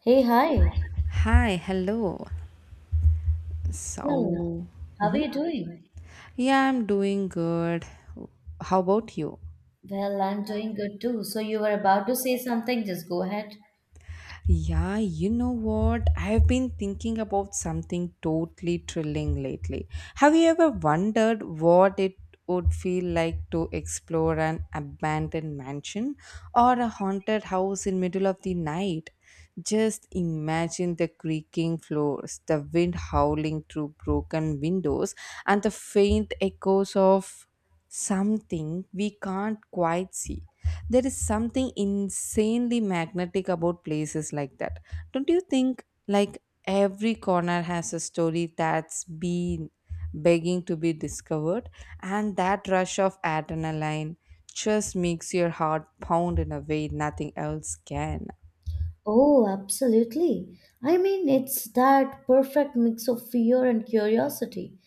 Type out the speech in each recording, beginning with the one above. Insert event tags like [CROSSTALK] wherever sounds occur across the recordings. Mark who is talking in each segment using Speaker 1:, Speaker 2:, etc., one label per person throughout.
Speaker 1: Hey, hi.
Speaker 2: Hi, hello.
Speaker 1: Well,
Speaker 2: So,
Speaker 1: how are
Speaker 2: mhm.
Speaker 1: you doing?
Speaker 2: yeah, I'm doing good. How about you?
Speaker 1: Well, I'm doing good too. So you were about to say something, just go ahead.
Speaker 2: Yeah, you know what? I've been thinking about something totally thrilling lately. Have you ever wondered what it would feel like to explore an abandoned mansion or a haunted house in middle of the night? Just imagine the creaking floors, the wind howling through broken windows, and the faint echoes of something we can't quite see. There is something insanely magnetic about places like that. Don't you think? Like every corner has a story that's been begging to be discovered, and that rush of adrenaline just makes your heart pound in a way nothing else can.
Speaker 1: Oh, absolutely. I mean, it's that perfect mix of fear and curiosity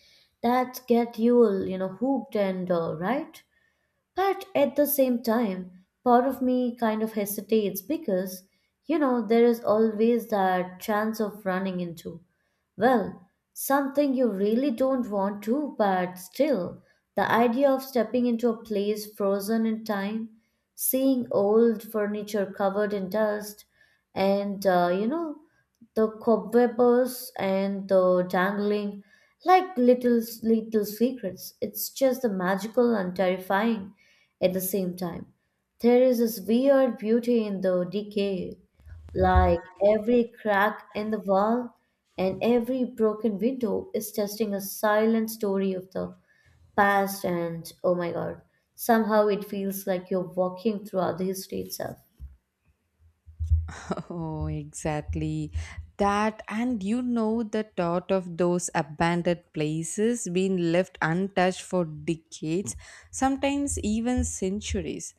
Speaker 1: that get you, hooked and right? But at the same time, part of me kind of hesitates because, there is always that chance of running into, well, something you really don't want to, but still, the idea of stepping into a place frozen in time, seeing old furniture covered in dust, and, the cobwebs and the dangling like little secrets it's just the magical and terrifying at the same time. There is this weird beauty in the decay, like every crack in the wall and every broken window is testing a silent story of the past. And oh my god, somehow it feels like you're walking throughout the history itself.
Speaker 2: [LAUGHS] Oh, exactly. That, and you know, the thought of those abandoned places being left untouched for decades, sometimes even centuries,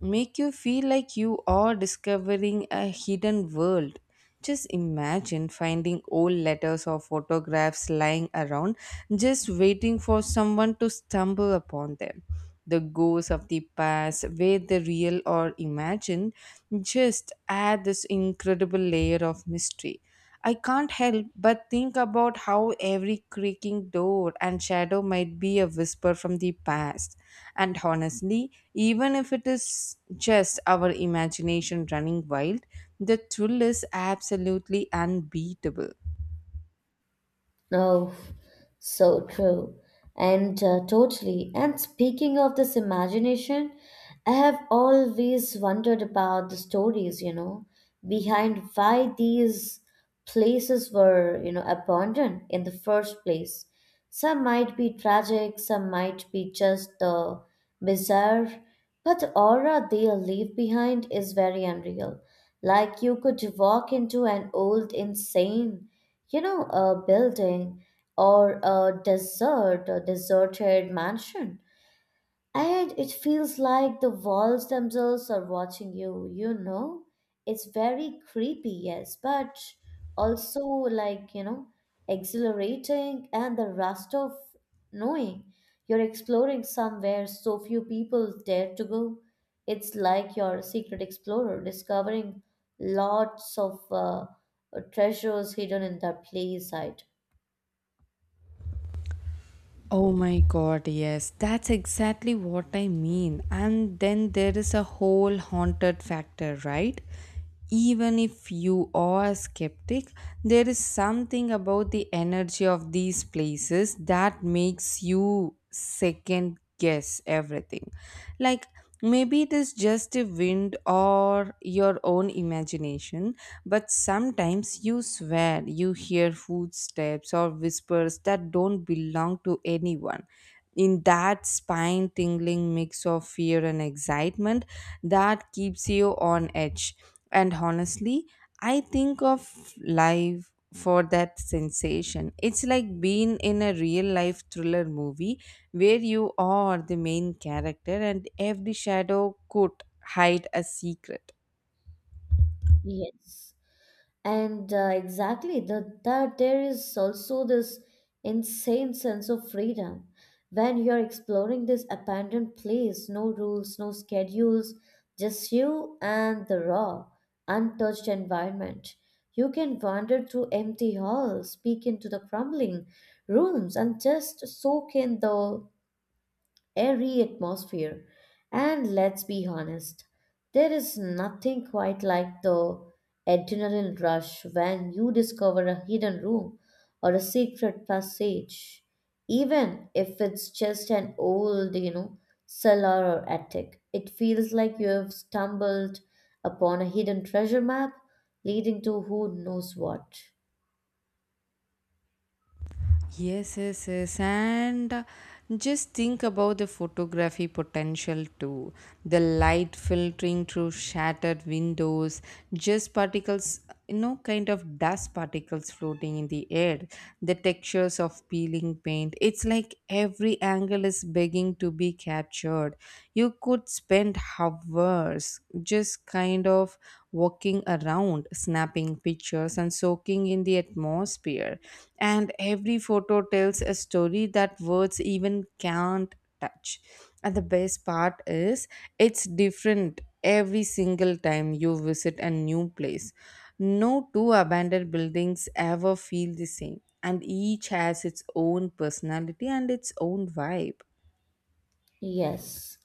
Speaker 2: make you feel like you are discovering a hidden world. Just imagine finding old letters or photographs lying around, just waiting for someone to stumble upon them. The ghosts of the past, whether real or imagined, just add this incredible layer of mystery. I can't help but think about how every creaking door and shadow might be a whisper from the past. And honestly, even if it is just our imagination running wild, the thrill is absolutely unbeatable.
Speaker 1: Oh, so true. And totally. And speaking of this imagination, I have always wondered about the stories, behind why these places were, abandoned in the first place. Some might be tragic, some might be just the bizarre, but the aura they leave behind is very unreal. Like you could walk into an old, insane a building or a deserted mansion. And it feels like the walls themselves are watching you, you know? It's very creepy, yes, but also like, exhilarating and the rust of knowing you're exploring somewhere so few people dare to go. It's like you're a secret explorer discovering lots of treasures hidden in the play site.
Speaker 2: Oh my god, yes, that's exactly what I mean. And then there is a whole haunted factor, right? Even if you are a skeptic, there is something about the energy of these places that makes you second guess everything. Like, maybe it is just a wind or your own imagination, but sometimes you swear you hear footsteps or whispers that don't belong to anyone. In that spine tingling mix of fear and excitement that keeps you on edge. And honestly, I think of life for that sensation. It's like being in a real life thriller movie where you are the main character and every shadow could hide a secret.
Speaker 1: Yes. And exactly, that there is also this insane sense of freedom when you're exploring this abandoned place. No rules, no schedules, just you and the raw untouched environment. You can wander through empty halls, peek into the crumbling rooms, and just soak in the airy atmosphere. And let's be honest, there is nothing quite like the adrenaline rush when you discover a hidden room or a secret passage, even if it's just an old, cellar or attic. It feels like you have stumbled upon a hidden treasure map leading to who knows what.
Speaker 2: Yes, yes, yes. And just think about the photography potential too. The light filtering through shattered windows, just particles, you know, kind of dust particles floating in the air, the textures of peeling paint. It's like every angle is begging to be captured. You could spend hours just kind of walking around, snapping pictures, and soaking in the atmosphere. And every photo tells a story that words even can't touch. And the best part is, it's different every single time you visit a new place. No two abandoned buildings ever feel the same, and each has its own personality and its own vibe.
Speaker 1: Yes.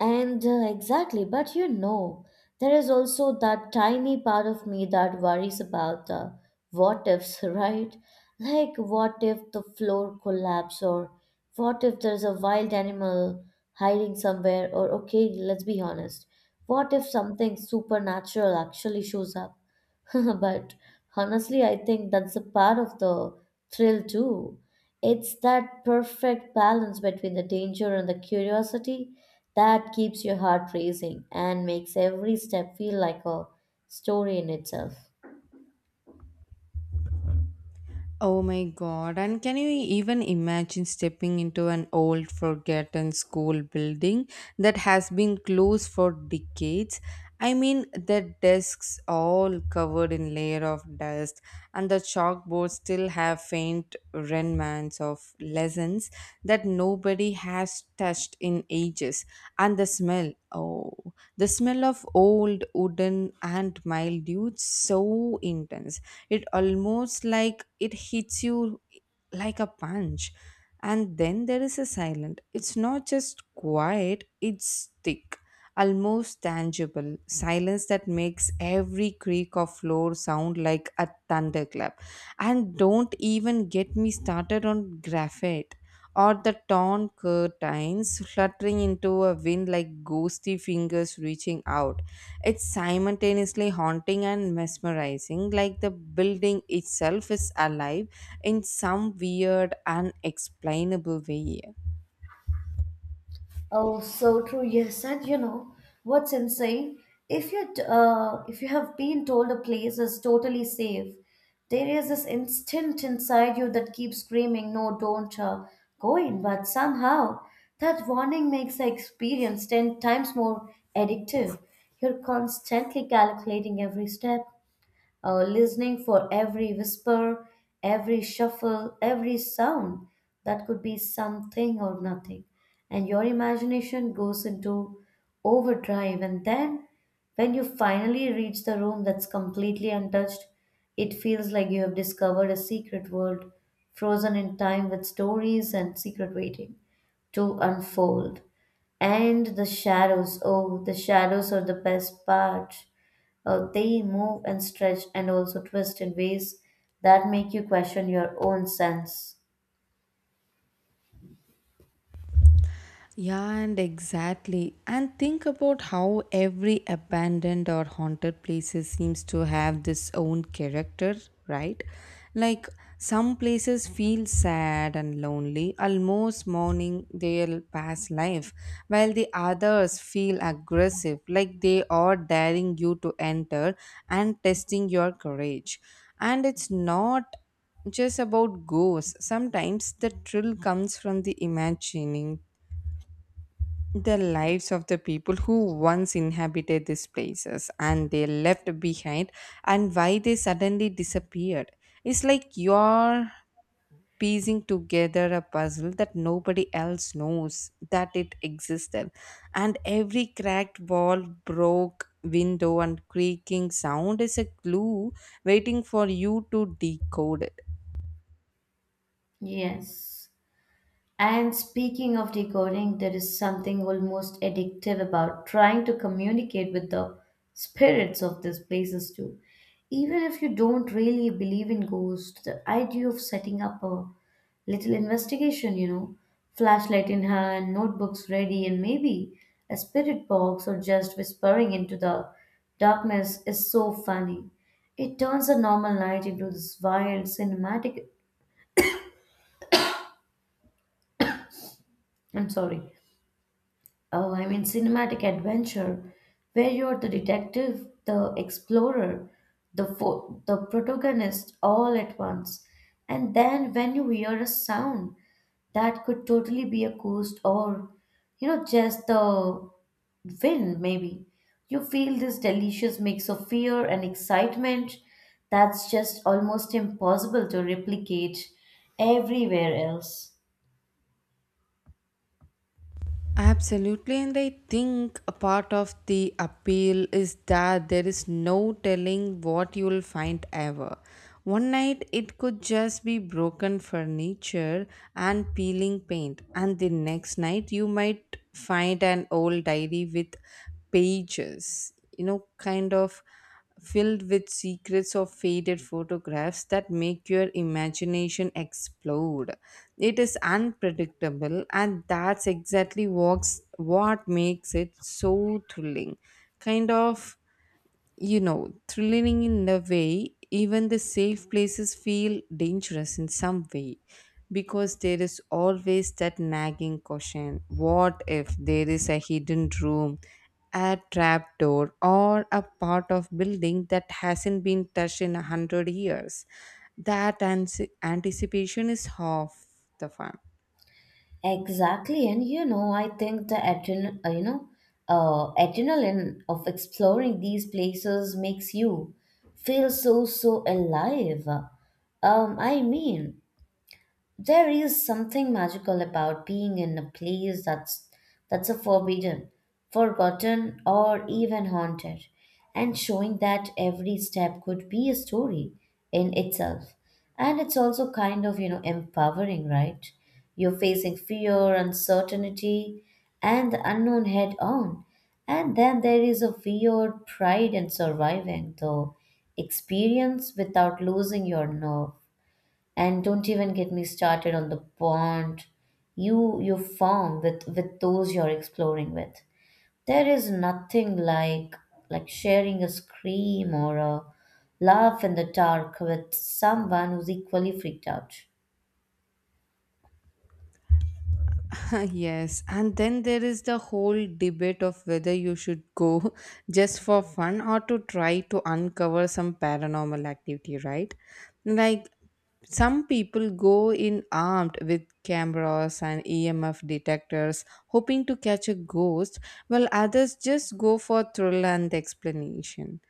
Speaker 1: And exactly, but there is also that tiny part of me that worries about the what ifs, [LAUGHS] right? Like, what if the floor collapses, or what if there's a wild animal hiding somewhere, or okay, let's be honest, what if something supernatural actually shows up? [LAUGHS] But honestly, I think that's a part of the thrill too. It's that perfect balance between the danger and the curiosity that keeps your heart racing and makes every step feel like a story in itself.
Speaker 2: Oh my god, and can you even imagine stepping into an old, forgotten school building that has been closed for decades? I mean, the desks all covered in layer of dust, and the chalkboards still have faint remnants of lessons that nobody has touched in ages. And the smell, oh, the smell of old wooden and mildew, it's so intense it almost like it hits you like a punch, and then there is a silent, it's not just quiet, it's thick, almost tangible silence that makes every creak of floor sound like a thunderclap. And don't even get me started on graphite or the torn curtains fluttering into a wind like ghostly fingers reaching out. It's simultaneously haunting and mesmerizing, like the building itself is alive in some weird, unexplainable way.
Speaker 1: Oh, so true. Yes, and you know what's insane? If you have been told a place is totally safe, there is this instinct inside you that keeps screaming, "No, don't go in." But somehow that warning makes the experience 10 times more addictive. You're constantly calculating every step, listening for every whisper, every shuffle, every sound that could be something or nothing. And your imagination goes into overdrive. And then, when you finally reach the room that's completely untouched, it feels like you have discovered a secret world frozen in time with stories and secret waiting to unfold. And the shadows, oh, the shadows are the best part. They move and stretch and also twist in ways that make you question your own sense.
Speaker 2: Yeah, and exactly. And think about how every abandoned or haunted places seems to have this own character, right? Like some places feel sad and lonely, almost mourning their past life, while the others feel aggressive, like they are daring you to enter and testing your courage. And it's not just about ghosts. Sometimes the thrill comes from the imagining the lives of the people who once inhabited these places and they left behind and why they suddenly disappeared. It's like you're piecing together a puzzle that nobody else knows that it existed. And every cracked wall, broke window, and creaking sound is a clue waiting for you to decode it.
Speaker 1: Yes. And speaking of decoding, there is something almost addictive about trying to communicate with the spirits of these places too. Even if you don't really believe in ghosts, the idea of setting up a little investigation, flashlight in hand, notebooks ready, and maybe a spirit box or just whispering into the darkness is so funny. It turns a normal night into this wild cinematic, I'm sorry, oh, I mean cinematic adventure, where you're the detective, the explorer, the protagonist all at once. And then when you hear a sound, that could totally be a ghost or just the wind maybe. You feel this delicious mix of fear and excitement that's just almost impossible to replicate everywhere else.
Speaker 2: Absolutely, and I think a part of the appeal is that there is no telling what you will find ever. One night it could just be broken furniture and peeling paint, and the next night you might find an old diary with pages, you know, kind of filled with secrets of faded photographs that make your imagination explode. It is unpredictable, and that's exactly what's, what makes it so thrilling. Kind of, you know, thrilling in a way, even the safe places feel dangerous in some way because there is always that nagging question, what if there is a hidden room, a trap door, or a part of building that hasn't been touched in a hundred years? That anticipation is half the fun.
Speaker 1: Exactly, and I think the adrenaline of exploring these places makes you feel so alive. I mean, there is something magical about being in a place that's a forbidden, forgotten, or even haunted, and showing that every step could be a story in itself. And it's also kind of, empowering, right? You're facing fear, uncertainty, and the unknown head on. And then there is a weird pride in surviving the experience without losing your nerve. And don't even get me started on the bond you form with those you're exploring with. There is nothing like sharing a scream or a laugh in the dark with someone who's equally freaked out.
Speaker 2: [LAUGHS] Yes, and then there is the whole debate of whether you should go [LAUGHS] just for fun or to try to uncover some paranormal activity, right? Like some people go in armed with cameras and EMF detectors, hoping to catch a ghost, while others just go for thrill and explanation.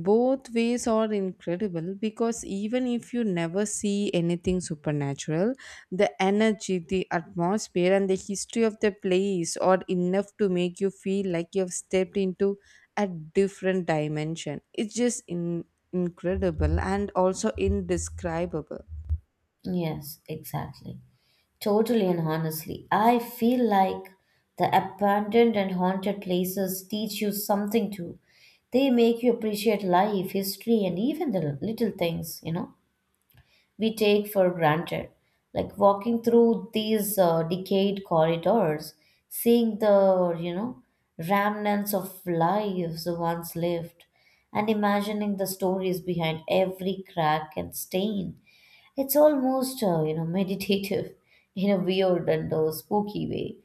Speaker 2: Both ways are incredible because even if you never see anything supernatural, the energy, the atmosphere, and the history of the place are enough to make you feel like you have stepped into a different dimension. It's just incredible and also indescribable.
Speaker 1: Yes, exactly. Totally, and honestly, I feel like the abandoned and haunted places teach you something too. They make you appreciate life, history, and even the little things we take for granted. Like walking through these decayed corridors, seeing the, remnants of lives once lived, and imagining the stories behind every crack and stain. It's almost [LAUGHS] meditative in a weird and spooky way.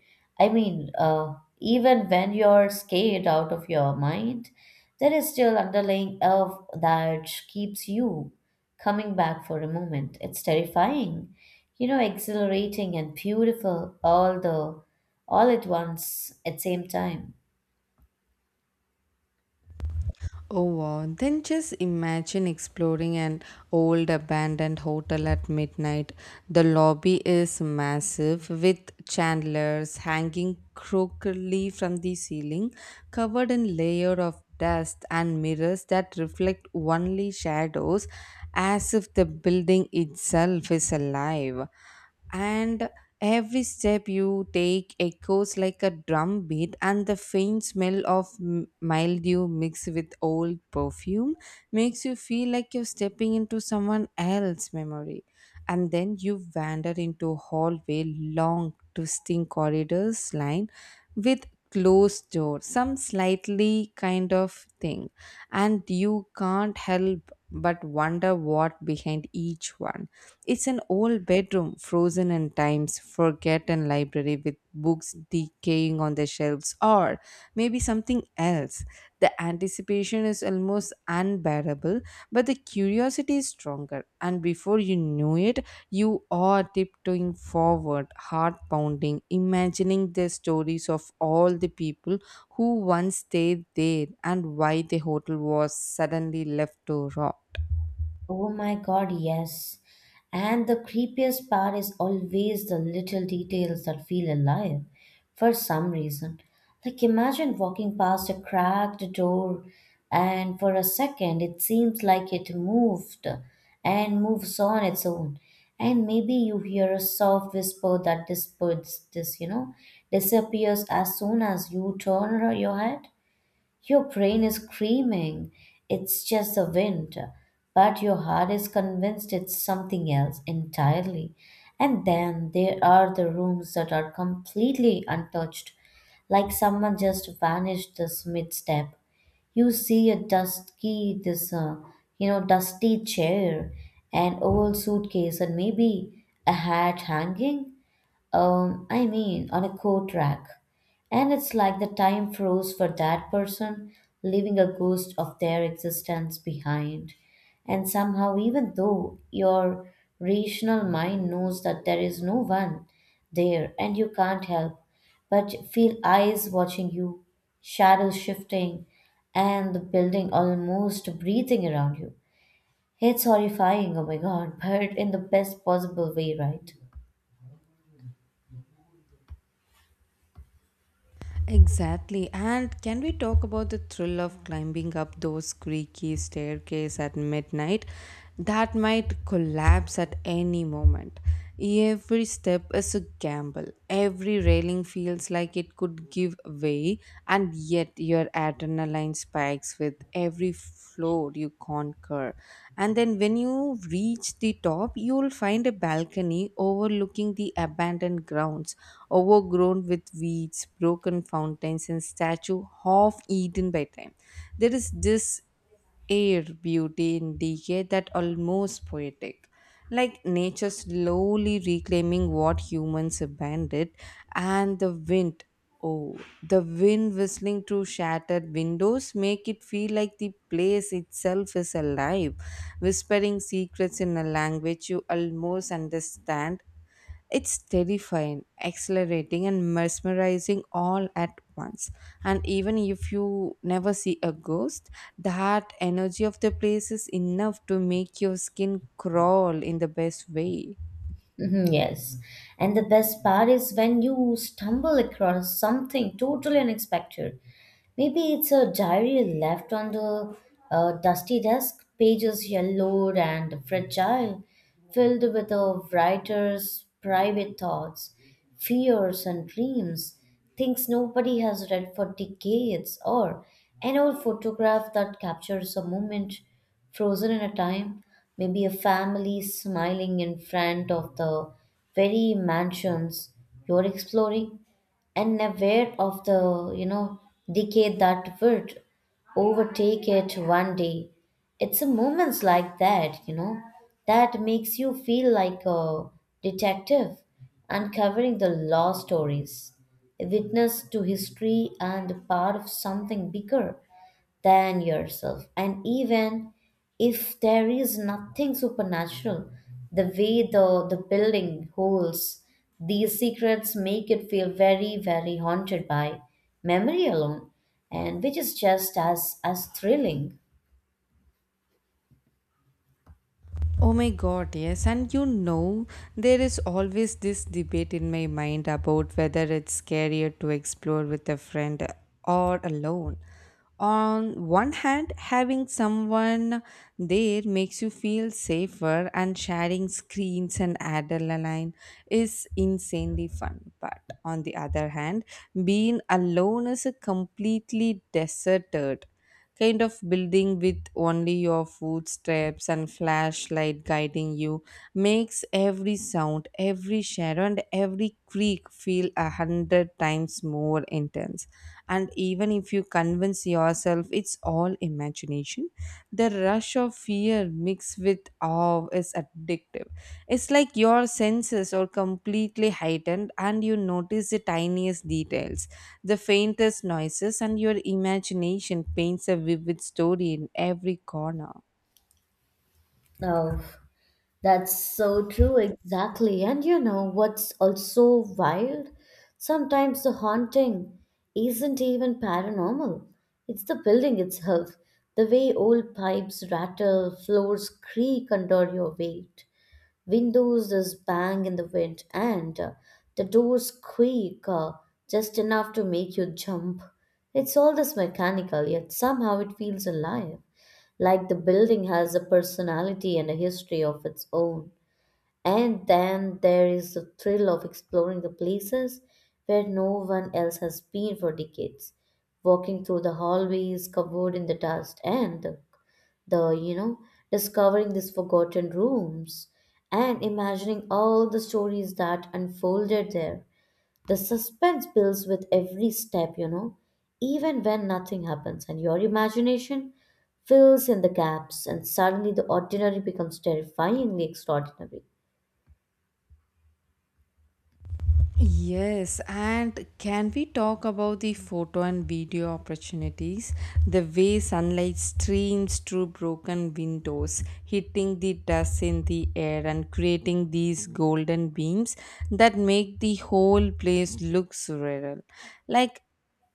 Speaker 1: I mean, even when you're scared out of your mind, there is still underlying elf that keeps you coming back for a moment. It's terrifying, exhilarating and beautiful all at once at same time.
Speaker 2: Oh wow, then just imagine exploring an old abandoned hotel at midnight. The lobby is massive with chandeliers hanging crookedly from the ceiling, covered in layer of dust and mirrors that reflect only shadows as if the building itself is alive. And every step you take echoes like a drum beat, and the faint smell of mildew mixed with old perfume makes you feel like you're stepping into someone else's memory. And then you wander into hallway, long, twisting corridors lined with closed doors, some slightly kind of thing, and you can't help but wonder what behind each one. It's an old bedroom, frozen in time's forgotten library with books decaying on the shelves, or maybe something else. The anticipation is almost unbearable, but the curiosity is stronger. And before you know it, you are tiptoeing forward, heart pounding, imagining the stories of all the people who once stayed there and why the hotel was suddenly left to rot.
Speaker 1: Oh my God, yes. And the creepiest part is always the little details that feel alive for some reason. Like imagine walking past a cracked door and for a second it seems like it moved and moves on its own. And maybe you hear a soft whisper that disperses this, disappears as soon as you turn your head. Your brain is screaming, it's just the wind, but your heart is convinced it's something else entirely. And then there are the rooms that are completely untouched, like someone just vanished this mid step. You see a dusty, this, dusty chair, an old suitcase, and maybe a hat hanging. I mean, on a coat rack. And it's like the time froze for that person, leaving a ghost of their existence behind. And somehow, even though your rational mind knows that there is no one there and you can't help, but feel eyes watching you, shadows shifting, and the building almost breathing around you. It's horrifying, oh my god, [LAUGHS] but in the best possible way, right?
Speaker 2: Exactly. And can we talk about the thrill of climbing up those creaky staircase at midnight that might collapse at any moment? Every step is a gamble. Every railing feels like it could give way, and yet your adrenaline spikes with every floor you conquer. And then when you reach the top, you'll find a balcony overlooking the abandoned grounds overgrown with weeds, broken fountains, and statue half eaten by time. There is this air beauty in decay that almost poetic. Like nature slowly reclaiming what humans abandoned, and the wind. Oh, the wind whistling through shattered windows make it feel like the place itself is alive, whispering secrets in a language you almost understand. It's terrifying, accelerating, and mesmerizing all at once. And even if you never see a ghost, that energy of the place is enough to make your skin crawl in the best way.
Speaker 1: Mhm. Yes. And the best part is when you stumble across something totally unexpected. Maybe it's a diary left on the dusty desk, pages yellowed and fragile, filled with a writer's private thoughts fears and dreams, things nobody has read for decades, or an old photograph that captures a moment frozen in a time, maybe a family smiling in front of the very mansions you're exploring and aware of the decay that would overtake it one day. It's a moments like that, that makes you feel like a detective uncovering the law stories, a witness to history and part of something bigger than yourself. And even if there is nothing supernatural, the way the building holds these secrets make it feel very, very haunted by memory alone, and which is just as thrilling.
Speaker 2: Oh my god, yes. And you know, there is always this debate in my mind about whether it's scarier to explore with a friend or alone. On one hand, having someone there makes you feel safer, and sharing screens and adrenaline is insanely fun. But on the other hand, being alone is a completely deserted kind of building with only your footsteps and flashlight guiding you makes every sound, every shadow, and every creak feel a hundred times more intense, and even if you convince yourself it's all imagination destination, the rush of fear mixed with awe is addictive. It's like your senses are completely heightened and you notice the tiniest details, the faintest noises, and your imagination paints a vivid story in every corner.
Speaker 1: Oh. That's so true, exactly. And you know what's also wild? Sometimes the haunting isn't even paranormal, it's the building itself. The way old pipes rattle, floors creak under your weight, windows just bang in the wind, and the doors squeak just enough to make you jump. It's all this mechanical, yet somehow it feels alive, like the building has a personality and a history of its own. And then there is the thrill of exploring the places where no one else has been for decades, walking through the hallways covered in the dust and the you know, discovering these forgotten rooms and imagining all the stories that unfolded there. The suspense builds with every step, even when nothing happens, and your imagination fills in the gaps, and suddenly the ordinary becomes terrifyingly extraordinary.
Speaker 2: Yes, and can we talk about the photo and video opportunities? The way sunlight streams through broken windows, hitting the dust in the air and creating these golden beams that make the whole place look surreal. Like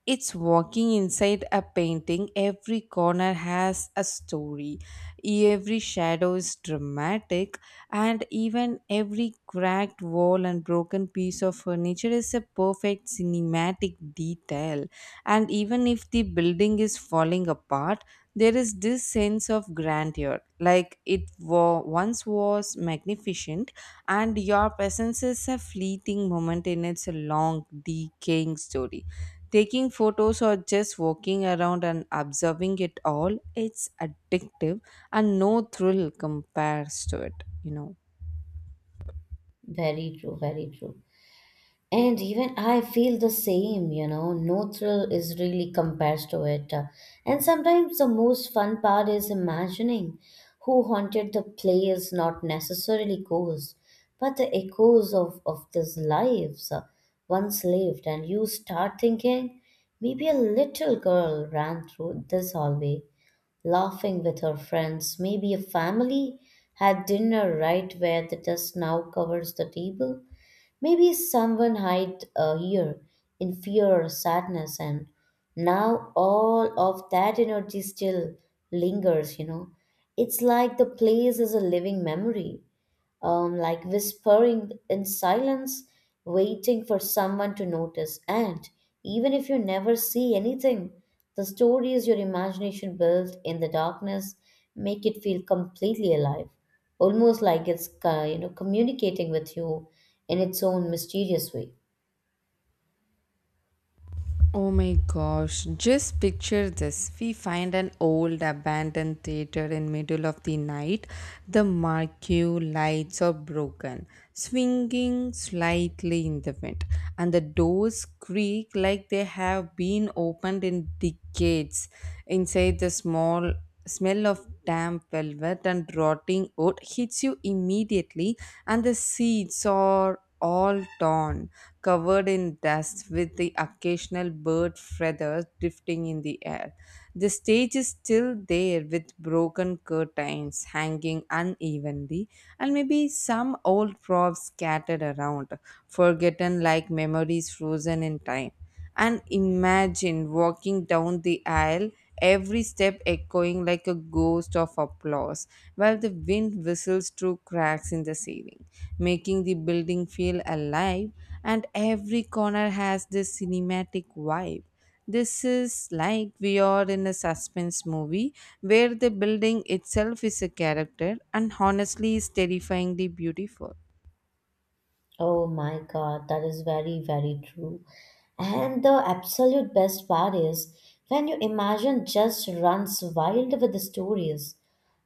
Speaker 2: it's walking inside a painting, every corner has a story, every shadow is dramatic, and even every cracked wall and broken piece of furniture is a perfect cinematic detail. And even if the building is falling apart, there is this sense of grandeur, like it once was magnificent, and your presence is a fleeting moment in its long, decaying story. Taking photos or just walking around and observing it all, it's addictive and no thrill compares to it, you know.
Speaker 1: Very true, very true. And even I feel the same, no thrill is really compares to it. And sometimes the most fun part is imagining who haunted the place, not necessarily ghosts, but the echoes of these lives once lived. And you start thinking, maybe a little girl ran through this hallway, laughing with her friends. Maybe a family had dinner right where the dust now covers the table. Maybe someone hid here in fear or sadness, and now all of that energy still lingers. It's like the place is a living memory, like whispering in silence, waiting for someone to notice. And even if you never see anything, the stories your imagination built in the darkness make it feel completely alive, almost like it's communicating with you in its own mysterious way.
Speaker 2: Oh my gosh, just picture this. We find an old abandoned theater in middle of the night. The marquee lights are broken, swinging slightly in the wind, and the doors creak like they have been opened in decades. Inside the small smell of damp velvet and rotting wood hits you immediately, and the seats are all torn, covered in dust with the occasional bird feathers drifting in the air. The stage is still there with broken curtains hanging unevenly and maybe some old props scattered around, forgotten like memories frozen in time. And imagine walking down the aisle, every step echoing like a ghost of applause, while the wind whistles through cracks in the ceiling making the building feel alive, and every corner has this cinematic vibe. This is like we are in a suspense movie where the building itself is a character and honestly is terrifyingly beautiful.
Speaker 1: Oh my God, that is very, very true. And the absolute best part is when your imagine just runs wild with the stories.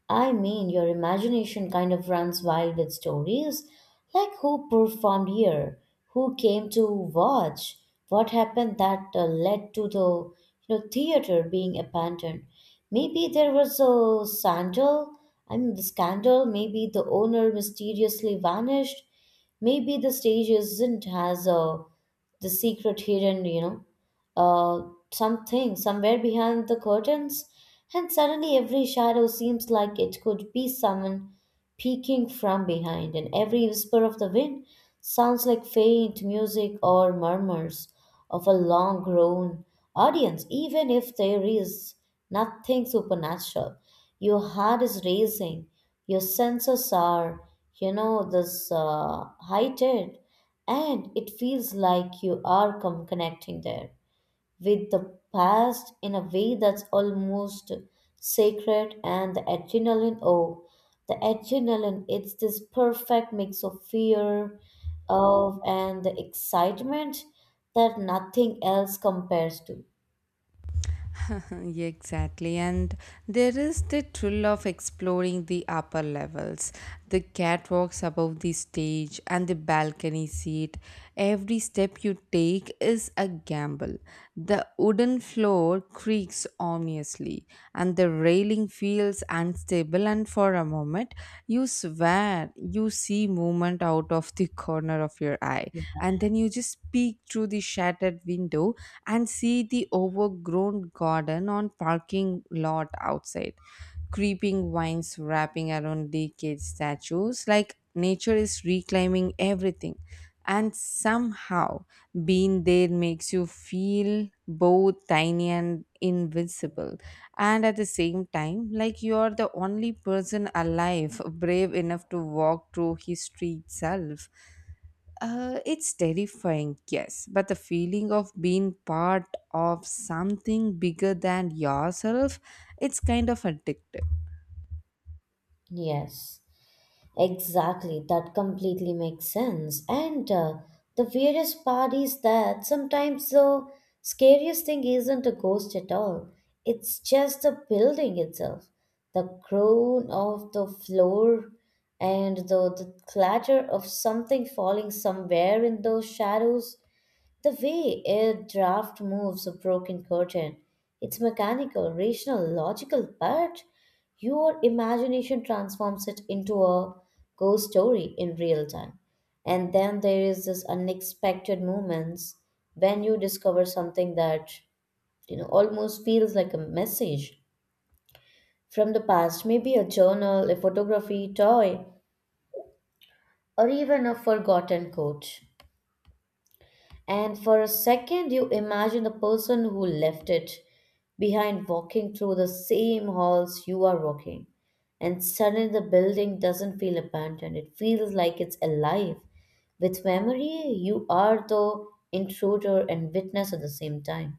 Speaker 1: I mean, your imagination kind of runs wild with stories like who performed here, who came to watch, what happened that led to the theater being abandoned. Maybe there was a scandal. I mean, the scandal. Maybe the owner mysteriously vanished. Maybe the stage isn't has a the secret hidden. Uh, Something somewhere behind the curtains, and suddenly every shadow seems like it could be someone peeking from behind, and every whisper of the wind sounds like faint music or murmurs of a long grown audience, even if there is nothing supernatural. Your heart is racing, your senses are, this heightened, and it feels like you are connecting there with the past in a way that's almost sacred. And the adrenaline, oh, the adrenaline, it's this perfect mix of fear of and the excitement that nothing else compares to.
Speaker 2: [LAUGHS] Exactly, and there is the thrill of exploring the upper levels, the catwalks above the stage, and the balcony seat. Every step you take is a gamble. The wooden floor creaks ominously, and the railing feels unstable. And for a moment, you swear you see movement out of the [LAUGHS] corner of your eye, and then you just peek through the shattered window and see the overgrown garden on parking lot outside, creeping vines wrapping around decayed statues like nature is reclaiming everything. And somehow being there makes you feel both tiny and invincible, and at the same time like you are the only person alive brave enough to walk through history itself. It's terrifying, yes, but the feeling of being part of something bigger than yourself, it's kind of addictive.
Speaker 1: Yes, exactly, that completely makes sense. And the weirdest part is that sometimes the scariest thing isn't a ghost at all, it's just the building itself. The groan of the floor and the clatter of something falling somewhere in those shadows, the way a draft moves a broken curtain, it's mechanical, rational, logical, but your imagination transforms it into a ghost story in real time. And then there is this unexpected moments when you discover something that almost feels like a message from the past, maybe a journal, a photography, toy, or even a forgotten quote. And for a second, you imagine the person who left it behind walking through the same halls you are walking. And suddenly, the building doesn't feel abandoned, it feels like it's alive. With memory, you are the intruder and witness at the same time.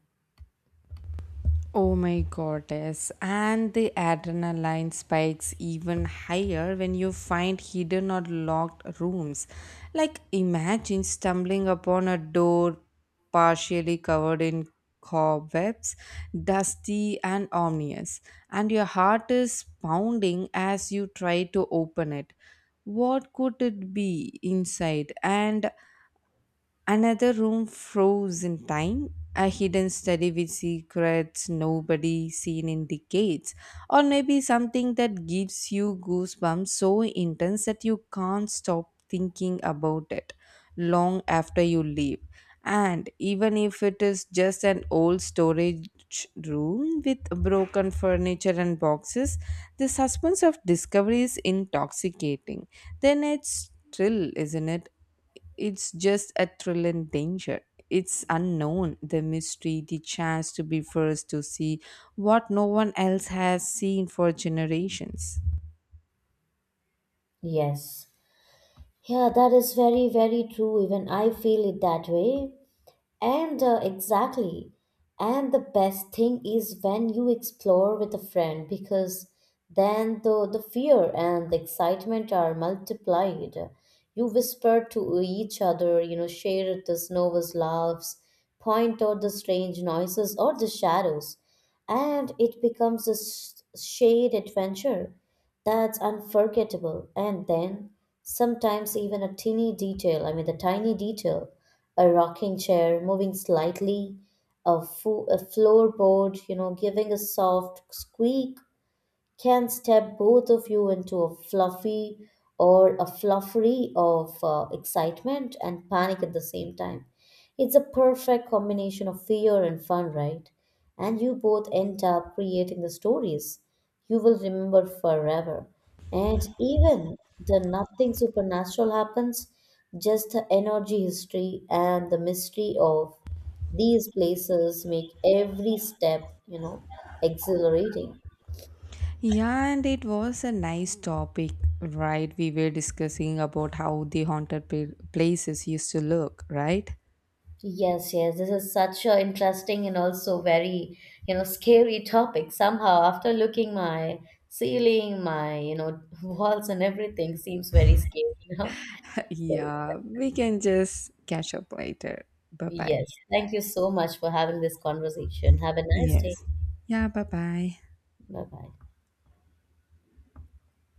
Speaker 2: Oh my goddess. And the adrenaline spikes even higher when you find hidden or locked rooms. Like imagine stumbling upon a door partially covered in cobwebs, dusty and ominous, and your heart is pounding as you try to open it. What could it be inside? And another room froze in time, a hidden study with secrets nobody seen in decades, or maybe something that gives you goosebumps so intense that you can't stop thinking about it long after you leave. And even if it is just an old storage room with broken furniture and boxes, the suspense of discovery is intoxicating. Then it's thrill, isn't it? It's just a thrill and danger. It's unknown, the mystery, the chance to be first to see what no one else has seen for generations.
Speaker 1: Yes. Yeah, that is very, very true. Even I feel it that way. And exactly. And the best thing is when you explore with a friend because then the fear and the excitement are multiplied. You whisper to each other, you know, share the nervous laughs, point out the strange noises or the shadows, and it becomes a shared adventure that's unforgettable. And then sometimes even a tiny detail, I mean the tiny detail, a rocking chair moving slightly, a floorboard, giving a soft squeak, can step both of you into a fluffy or a fluffery of excitement and panic at the same time. It's a perfect combination of fear and fun, right? And you both end up creating the stories you will remember forever. And even the nothing supernatural happens, just the energy history and the mystery of these places make every step, you know, exhilarating.
Speaker 2: Yeah, and it was a nice topic, right? We were discussing about how the haunted places used to look, right?
Speaker 1: Yes, yes, this is such a interesting and also very, you know, scary topic. Somehow, after looking my ceiling, my, you know, [LAUGHS] walls and everything seems very scary now.
Speaker 2: [LAUGHS]
Speaker 1: So,
Speaker 2: Yeah, we can just catch up later. Bye bye.
Speaker 1: yes, thank you so much for having this conversation. Have a nice day.
Speaker 2: Yes. Yeah, bye bye.
Speaker 1: Bye bye.